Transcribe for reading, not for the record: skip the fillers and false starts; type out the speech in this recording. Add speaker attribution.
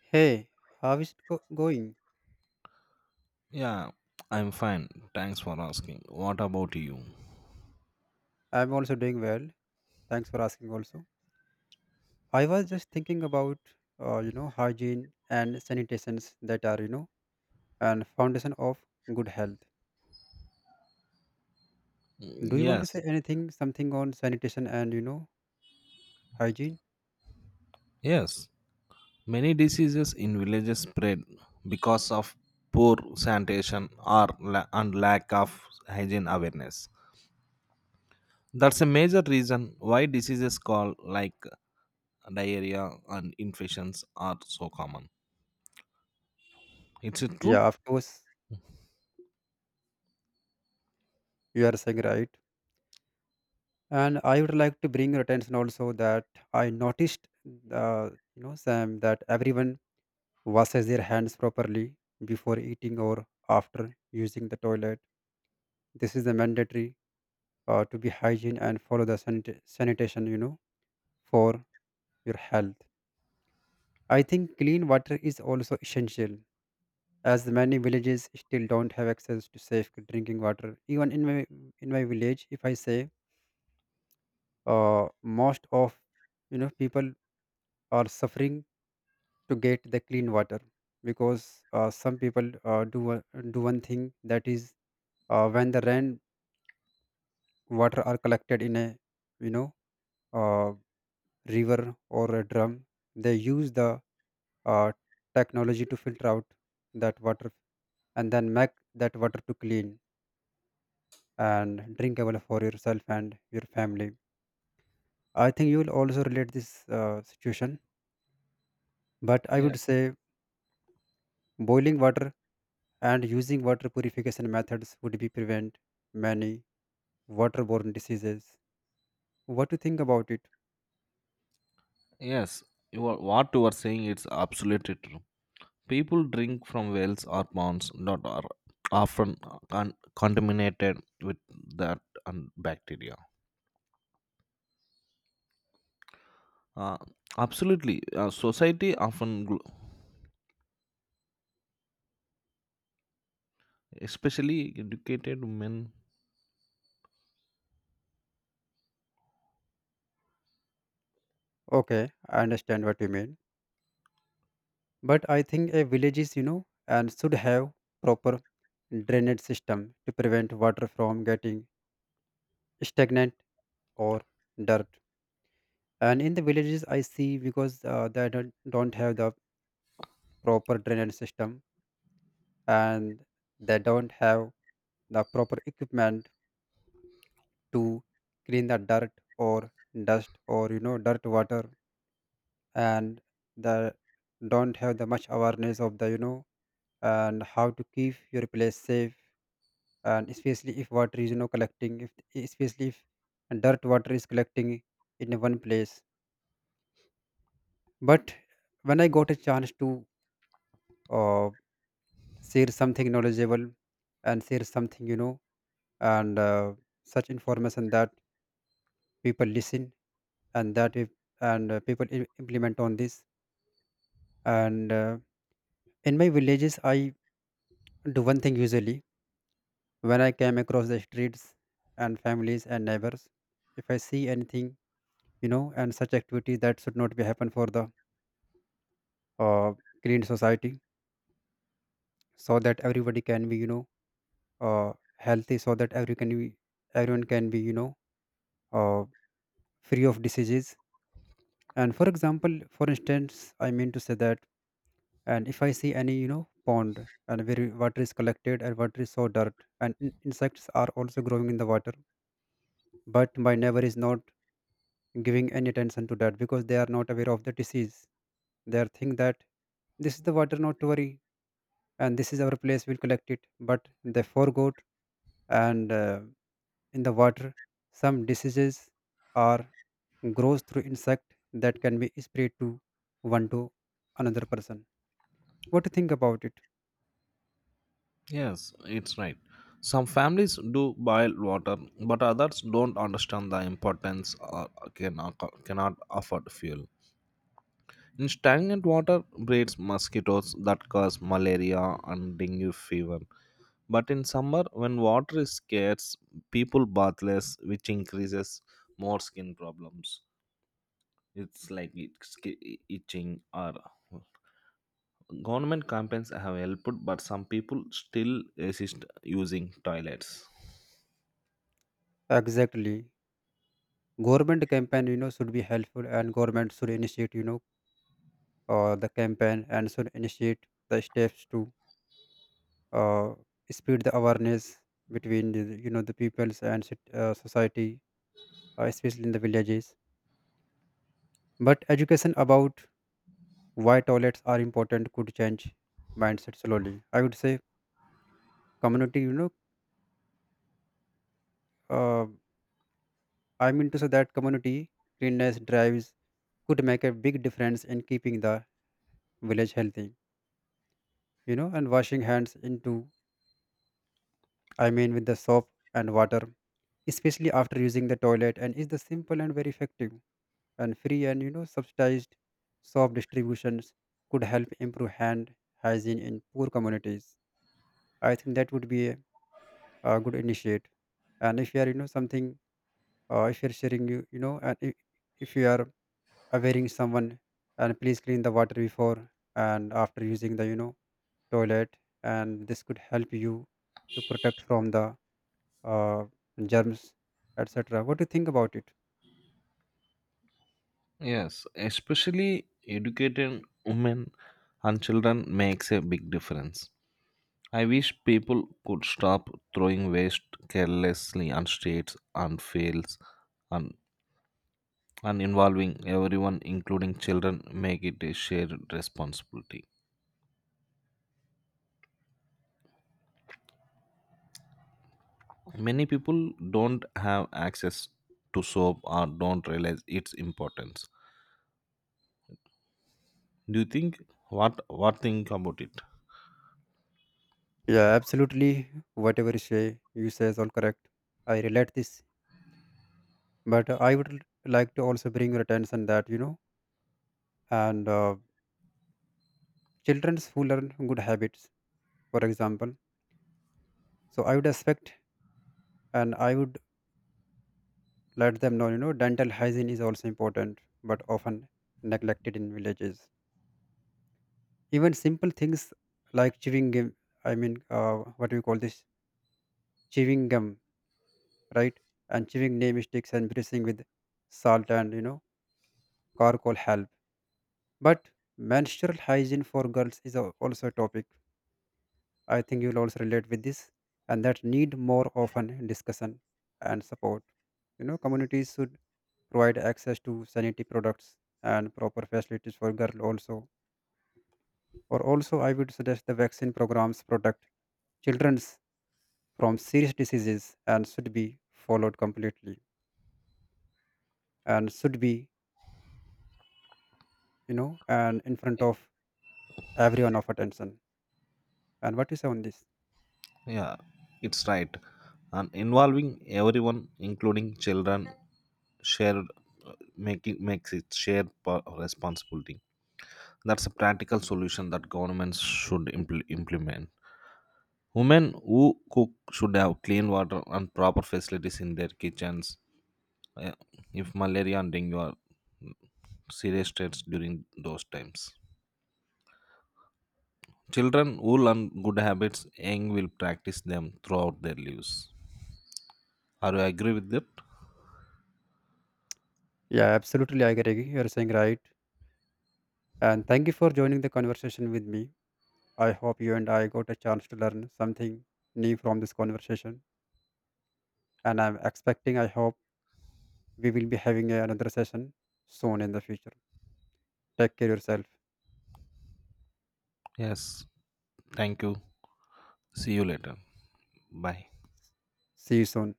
Speaker 1: Hey, how is going?
Speaker 2: Yeah, I'm fine. Thanks for asking. What about you?
Speaker 1: I'm also doing well. Thanks for asking also. I was just thinking about hygiene and sanitations that are and foundation of good health. Do
Speaker 2: Mm,
Speaker 1: you want to
Speaker 2: Yes,
Speaker 1: say anything something on sanitation and hygiene?
Speaker 2: yes. Many diseases in villages spread because of poor sanitation and lack of hygiene awareness. That's a major reason why diseases called like diarrhea and infections are so common. It's true?
Speaker 1: Yeah, of course you are saying right. And I would like to bring your attention also that I noticed uh, Sam that everyone washes their hands properly before eating or after using the toilet. This is the mandatory to be hygiene and follow the sanitation, for your health. I think clean water is also essential as many villages still don't have access to safe drinking water. Even in my village, if I say, most of people are suffering to get the clean water because some people do one thing that is, when the rain water are collected in a you know uh, river or a drum. They use the uh, technology to filter out that water and then make that water to clean and drinkable for yourself and your family. I think you will also relate this situation, but I
Speaker 2: Yes.
Speaker 1: would say boiling water and using water purification methods would be prevent many waterborne diseases. What do you think about it?
Speaker 2: Yes. What you are saying, it's absolutely true. People drink from wells or ponds that are often contaminated with that and bacteria. Uh, absolutely, society often, especially educated men.
Speaker 1: Okay, I understand what you mean. But I think a villages and should have proper drainage system to prevent water from getting stagnant or dirt. And in the villages I see because they don't have the proper drainage system, and they don't have the proper equipment to clean the dirt or dust or dirt water, and they don't have the much awareness of the, and how to keep your place safe, and especially if water is collecting, if especially if dirt water is collecting in one place. But when I got a chance to, uh, share something knowledgeable and share something, you know and such information that people listen, and that if and people implement on this. And In my villages I do one thing usually, when I came across the streets and families and neighbors, if I see anything, and such activities that should not be happen for the uh, clean society, so that everybody can be uh, healthy, so that everyone can be, uh, free of diseases. And for example, for instance, I mean to say that, and if I see any pond and where water is collected and water is so dirt, and insects are also growing in the water, but my neighbor is not giving any attention to that because they are not aware of the disease. They are think that this is the water not to worry, and this is our place we'll collect it, but they forgot. And In the water some diseases are grows through insect, that can be spread to one to another person. What do you think about it?
Speaker 2: Yes, it's right. Some families do boil water, but others don't understand the importance or can, cannot afford fuel. In stagnant water breeds mosquitoes that cause malaria and dengue fever. But in summer, when water is scarce, people bath less, which increases more skin problems. It's like itching. Or government campaigns have helped, but some people still resist using toilets.
Speaker 1: Exactly. Government campaign, should be helpful and government should initiate, the campaign, and should initiate the steps to uh, spread the awareness between the, you know the peoples and society, especially in the villages. But education about why toilets are important could change mindset slowly. I would say community, uh, I mean to say that community cleanness drives could make a big difference in keeping the village healthy, you know, and washing hands into, I mean, with the soap and water, especially after using the toilet, and is the simple and very effective and free, and, you know, subsidized soap distributions could help improve hand hygiene in poor communities. I think that would be good initiate. And if you are, you know, something, if you're sharing, you know, and if you are awareing someone, and please clean the water before and after using the toilet, and this could help you to protect from the uh, germs, etc. What do you think about it?
Speaker 2: Yes, especially educated women and children makes a big difference. I wish people could stop throwing waste carelessly on streets and fields and, and involving everyone, including children, make it a shared responsibility. Many people don't have access to soap or don't realize its importance. Do you think, what think about it?
Speaker 1: Yeah, absolutely, whatever you say, is all correct. I relate this. But I would like to also bring your attention that, you know and children who learn good habits, for example. So I would expect, and I would let them know, you know, dental hygiene is also important, but often neglected in villages. Even simple things like chewing gum, I mean, what do you call this? Chewing gum, right? And chewing name sticks and brushing with salt and, you know, charcoal help. But menstrual hygiene for girls is also a topic. I think you'll also relate with this, and that need more often discussion and support. You know, communities should provide access to sanitary products and proper facilities for girls also. Or also, I would suggest the vaccine programs protect children from serious diseases and should be followed completely, and should be, you know, and in front of everyone of attention. And what you say on this?
Speaker 2: Yeah, it's right. And involving everyone, including children, shared making makes it shared responsibility. That's a practical solution that governments should implement. Women who cook should have clean water and proper facilities in their kitchens. Uh, if malaria and dengue are serious threats during those times, children who learn good habits young will practice them throughout their lives. Are you agree with that?
Speaker 1: Yeah, absolutely, I agree. You're saying right. And thank you for joining the conversation with me. I hope you and I got a chance to learn something new from this conversation. And I'm expecting, I hope, we will be having another session soon in the future. Take care yourself.
Speaker 2: Yes, thank you. See you later. Bye.
Speaker 1: See you soon.